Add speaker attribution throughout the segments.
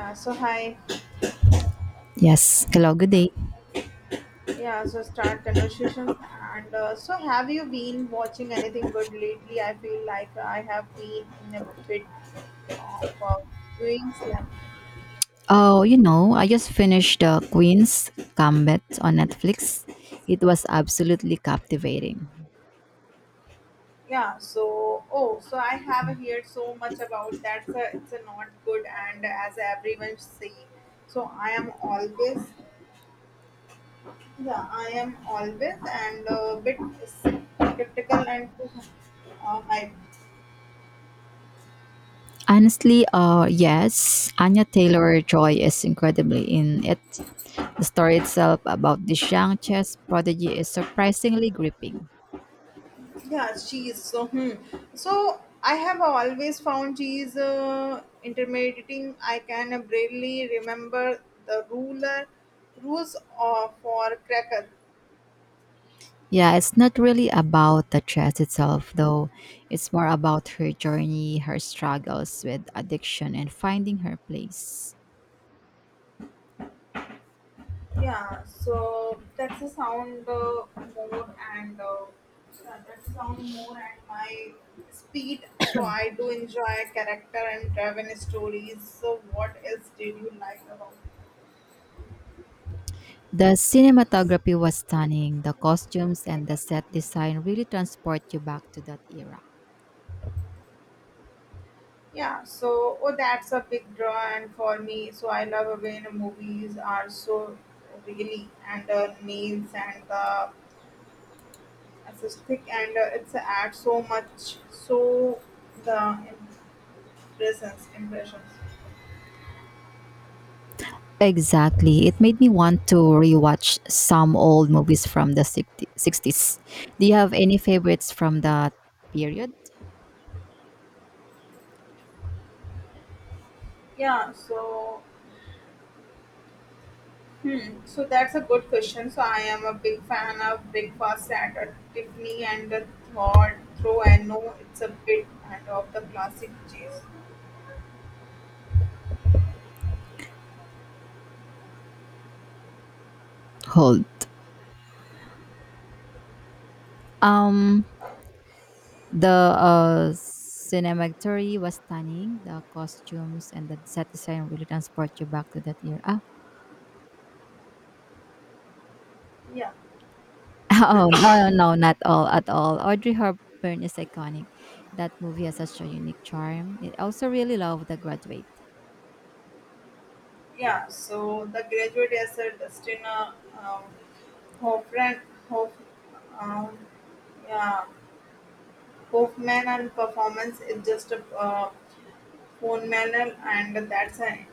Speaker 1: Yeah, so hi.
Speaker 2: Yes. Hello, good day.
Speaker 1: Yeah, so start conversations. And so, have you been watching anything good lately? I feel like I have been in a bit of a viewing slump.
Speaker 2: Oh, you know, I just finished The Queen's Gambit on Netflix. It was absolutely captivating.
Speaker 1: Yeah, so I have heard so much about that. So it's a not good, and as everyone say, so I am always and a bit skeptical and too hyped.
Speaker 2: Honestly, yes, Anya Taylor-Joy is incredibly in it. The story itself about this young chess prodigy is surprisingly gripping.
Speaker 1: Yeah, she is so. Hmm. So I have always found she is intimidating. I can barely remember the ruler rules of for cracker.
Speaker 2: Yeah, it's not really about the chess itself, though. It's more about her journey, her struggles with addiction, and finding her place.
Speaker 1: Yeah, so that's a sound more and yeah, that's a sound more and my speed. So I do enjoy character and driven stories. So what else did you like about?
Speaker 2: The cinematography was stunning. The costumes and the set design really transport you back to that era.
Speaker 1: Yeah, so oh, that's a big draw, and for me, so I love when movies are so really and nails and the aesthetic and it's add so much so the impressions.
Speaker 2: Exactly. It made me want to rewatch some old movies from the 60 60s. Do you have any favorites from that period?
Speaker 1: Yeah, so that's a good question. So I am a big fan of Breakfast at Tiffany and the thought throw. I know it's a bit and of the classic cheese.
Speaker 2: Hold. Um the cinematography was stunning. The costumes and the set design really transport you back to that era. Ah,
Speaker 1: Yeah.
Speaker 2: Oh, no, no, no, not all at all. Audrey Hepburn is iconic. That movie has such a unique charm. I also really love The Graduate.
Speaker 1: Yeah, so the graduate is a Dustin um, Hoffman, Hoff, um, yeah, Hoffman and performance is just a phone manual and that's an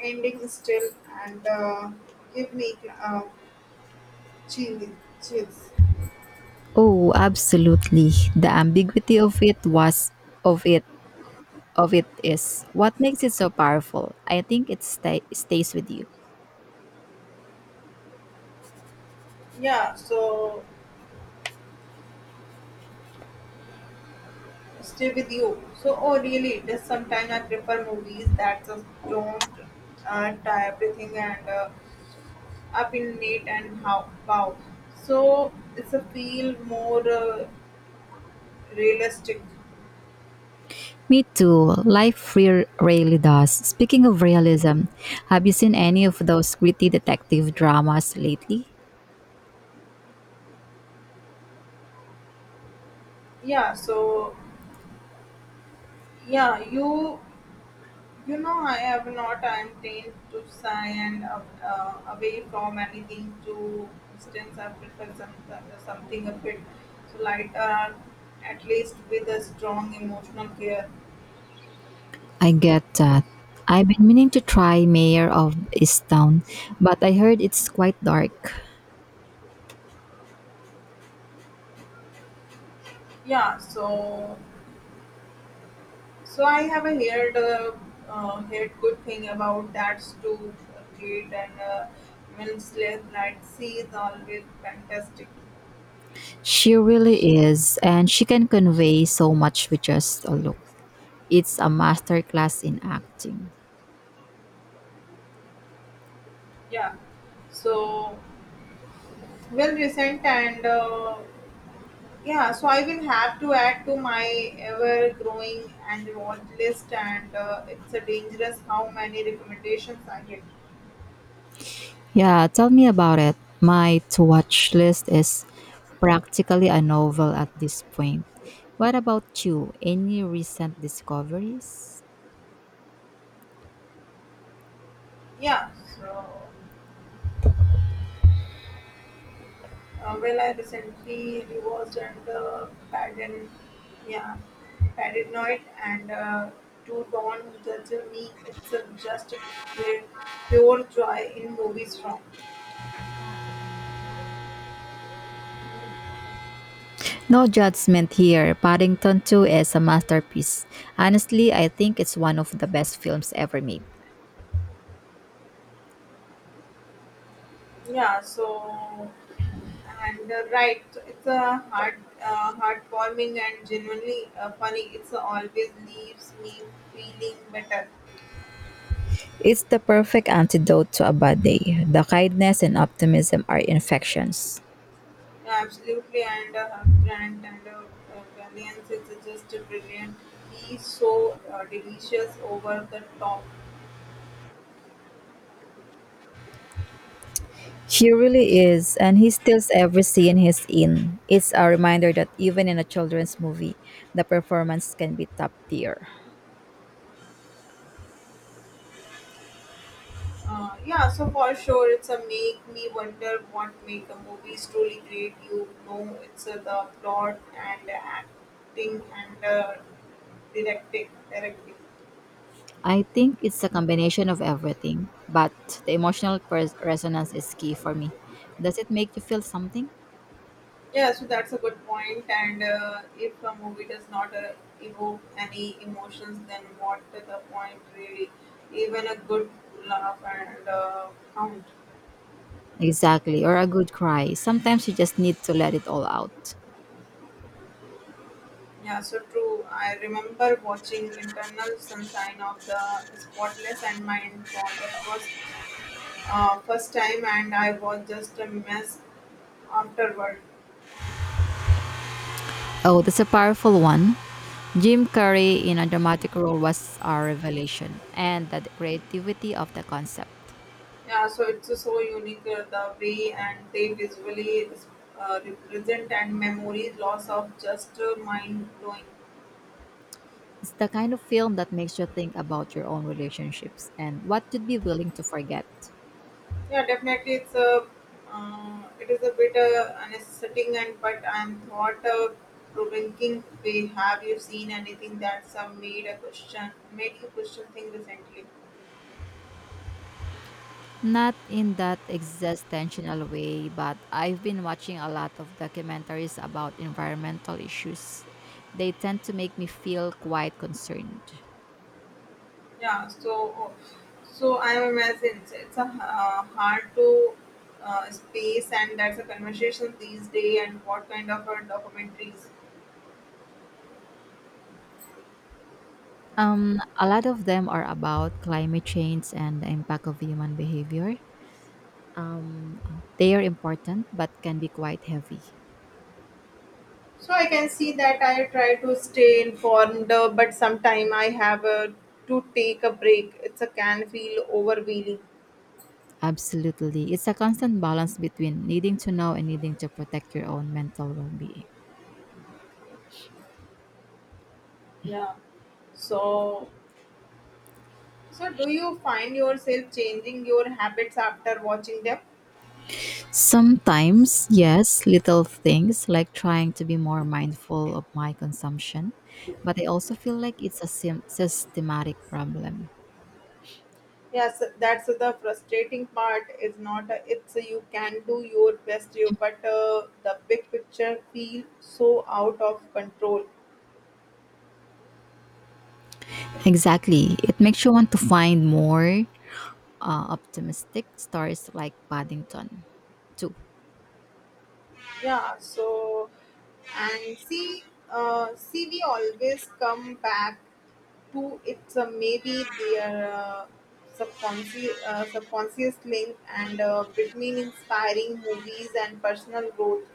Speaker 1: ending still and give me uh, chills. chills.
Speaker 2: Oh, absolutely. The ambiguity of it was of it of it is what makes it so powerful. I think it stays with you.
Speaker 1: Yeah, so stay with you. So, oh really, just sometimes I prefer movies that just don't tie everything and up in Nate and How Wow. So it's a feel more realistic.
Speaker 2: Me too. Life really does. Speaking of realism, have you seen any of those gritty detective dramas lately?
Speaker 1: Yeah. So yeah, you know I have not. I am trained to sigh and away from anything. To distance. I prefer something a bit so lighter, at least with a strong emotional care.
Speaker 2: I get that. I've been meaning to try Mayor of Easttown, but I heard it's quite dark.
Speaker 1: Yeah. So I have a heard good thing about that too, Kate and Winslet. That she is always fantastic.
Speaker 2: She really is, and she can convey so much with just a look. It's a masterclass in acting.
Speaker 1: Yeah. So well recent and yeah. So I will have to add to my ever growing and watch list, and it's a dangerous how many recommendations I get.
Speaker 2: Yeah, tell me about it. My to watch list is practically a novel at this point. What about you? Any recent discoveries?
Speaker 1: Yeah. So. Well, I recently rewatched and yeah, padded night and to Dawn judge me. It's just pure, pure joy in movies from.
Speaker 2: No judgment here. Paddington 2 is a masterpiece. Honestly, I think it's one of the best films ever made.
Speaker 1: Yeah, so and right, so it's a heartwarming and genuinely funny. It's always leaves me feeling better.
Speaker 2: It's the perfect antidote to a bad day. The kindness and optimism are infections.
Speaker 1: Absolutely, and Grant and Valiance is just brilliant. He's so delicious over the top.
Speaker 2: He really is, and he steals every scene he's in. It's a reminder that even in a children's movie, the performance can be top tier.
Speaker 1: Yeah, so for sure, it's a make me wonder what made the movies truly great. You know, it's the plot and acting and directing.
Speaker 2: I think it's a combination of everything, but the emotional resonance is key for me. Does it make you feel something?
Speaker 1: Yeah, so that's a good point. And if a movie does not evoke any emotions, then what's the point really? Even a good laugh and count.
Speaker 2: Exactly, or a good cry. Sometimes you just need to let it all out.
Speaker 1: Yeah, so true. I remember watching Internal Sunshine of the Spotless and Mind for the first time, and I was just a mess afterward.
Speaker 2: Oh, that's a powerful one. Jim Carrey in a dramatic role was our revelation, and the creativity of the concept.
Speaker 1: Yeah, so it's so unique the way and they visually represent and memory loss of just mind blowing.
Speaker 2: It's the kind of film that makes you think about your own relationships and what you'd be willing to forget.
Speaker 1: Yeah, definitely it is a bit unsettling and but I'm thought provoking way. Have you seen anything that's made you question thing recently?
Speaker 2: Not in that existential way, but I've been watching a lot of documentaries about environmental issues. They tend to make me feel quite concerned.
Speaker 1: Yeah, so I imagine it's a hard to space, and that's a conversation these day. And what kind of documentaries?
Speaker 2: A lot of them are about climate change and the impact of human behavior. They are important but can be quite heavy.
Speaker 1: So I can see that I try to stay informed, but sometime I have to take a break. It's a can feel overwhelming.
Speaker 2: Absolutely. It's a constant balance between needing to know and needing to protect your own mental well being.
Speaker 1: Yeah. So so do you find yourself changing your habits after watching them?
Speaker 2: Sometimes, yes, little things like trying to be more mindful of my consumption, but I also feel like it's a systematic problem.
Speaker 1: Yes, that's the frustrating part. Is not it's you can do your best, you but the big picture feel so out of control.
Speaker 2: Exactly. It makes you want to find more, optimistic stories like Paddington too.
Speaker 1: Yeah. So and see, we always come back to it's maybe their subconscious link and between inspiring movies and personal growth.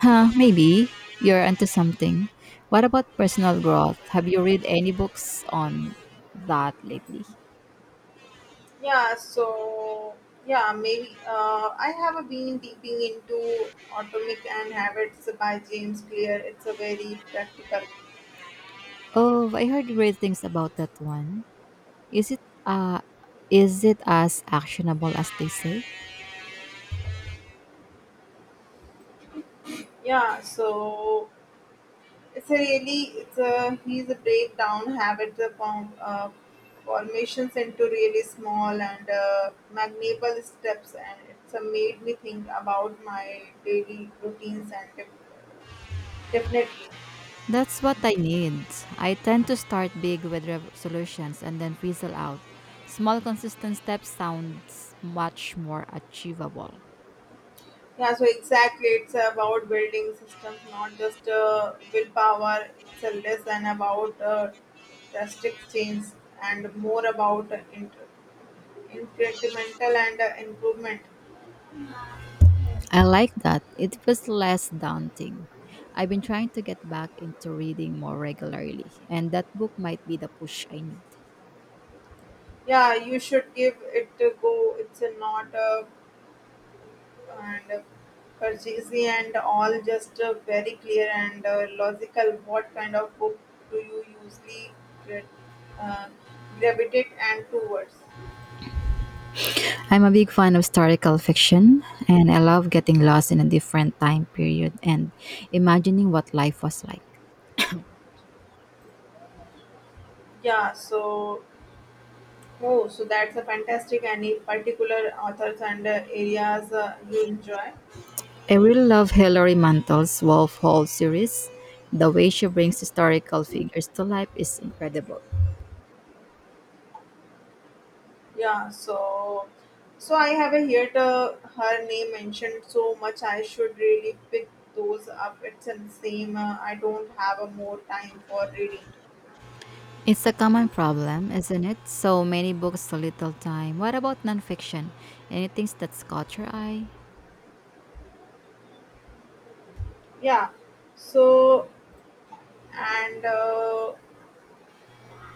Speaker 2: Huh, maybe. You're onto something. What about personal growth? Have you read any books on that lately?
Speaker 1: Yeah, so yeah, maybe I have been deeping into Atomic and Habits by James Clear. It's a very practical.
Speaker 2: Oh, I heard great things about that one. Is it uh is it as actionable as they say?
Speaker 1: Yeah, so it's a really it's a he's a breakdown habits of formations into really small and magnable steps, and it's made me think about my daily routines and definitely.
Speaker 2: That's what I need. I tend to start big with resolutions and then fizzle out. Small consistent steps sounds much more achievable.
Speaker 1: Yeah, so exactly, it's about building systems, not just willpower. It's a lesson about drastic change and more about incremental and improvement.
Speaker 2: I like that. It was less daunting. I've been trying to get back into reading more regularly, and that book might be the push I need.
Speaker 1: Yeah, you should give it a go. It's a not and purchasey and all just very clear and logical. What kind of book do you usually gra- uh, gravitate and towards?
Speaker 2: I'm a big fan of historical fiction, and I love getting lost in a different time period and imagining what life was like.
Speaker 1: Yeah, so that's a fantastic. Any particular authors and areas you enjoy?
Speaker 2: I really love Hilary Mantel's Wolf Hall series. The way she brings historical figures to life is incredible.
Speaker 1: Yeah, so I have a heard her name mentioned so much. I should really pick those up. It's the same. I don't have a more time for reading.
Speaker 2: It's a common problem, isn't it? So many books, so little time. What about nonfiction? Anything that's caught your eye?
Speaker 1: Yeah, so and uh,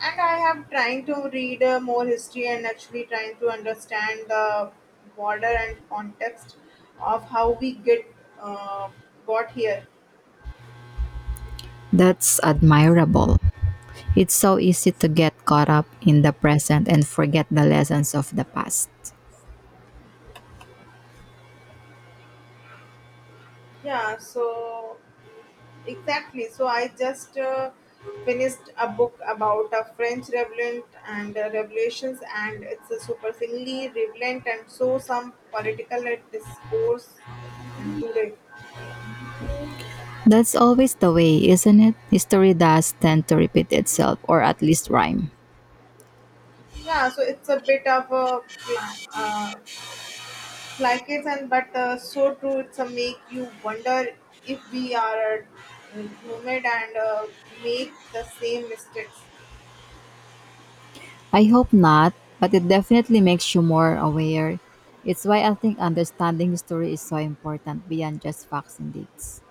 Speaker 1: and I have trying to read more history and actually trying to understand the border and context of how we get uh, got here.
Speaker 2: That's admirable. It's so easy to get caught up in the present and forget the lessons of the past.
Speaker 1: Yeah, so exactly. So I just finished a book about a French revolt and revolutions, and it's a surprisingly relevant and so some political discourse and today.
Speaker 2: That's always the way, isn't it? History does tend to repeat itself, or at least rhyme.
Speaker 1: Yeah, so it's a bit of a cliches and but so true. It's a make you wonder if we are human and make the same mistakes.
Speaker 2: I hope not, but it definitely makes you more aware. It's why I think understanding history is so important beyond just facts and dates.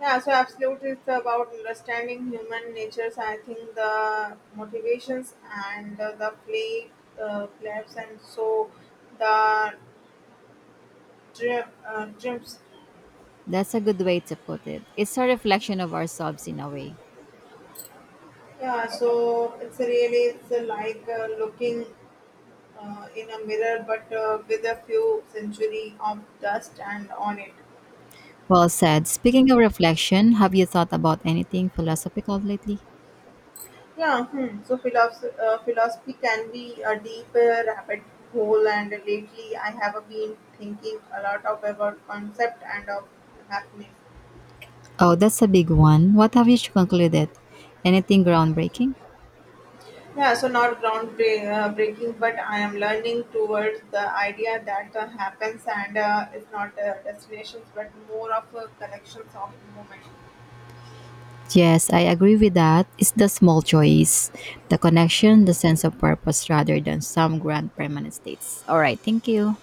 Speaker 1: Yeah, so absolute is about understanding human natures. I think the motivations and the play, flaps, and so the trips.
Speaker 2: That's a good way to put it. It's a reflection of ourselves in a way.
Speaker 1: Yeah, so it's really it's like looking in a mirror, but with a few century of dust and on it.
Speaker 2: Well said. Speaking of reflection, have you thought about anything philosophical lately?
Speaker 1: Yeah. Hmm. So philosophy can be a deep rabbit hole, and lately I have been thinking a lot of about concept and of happiness.
Speaker 2: Oh, that's a big one. What have you concluded? Anything groundbreaking?
Speaker 1: Yeah, so not ground breaking, but I am learning towards the idea that happens and it's not destinations, but more of a collections of moments.
Speaker 2: Yes, I agree with that. It's the small choice, the connection, the sense of purpose rather than some grand permanent states. All right, thank you.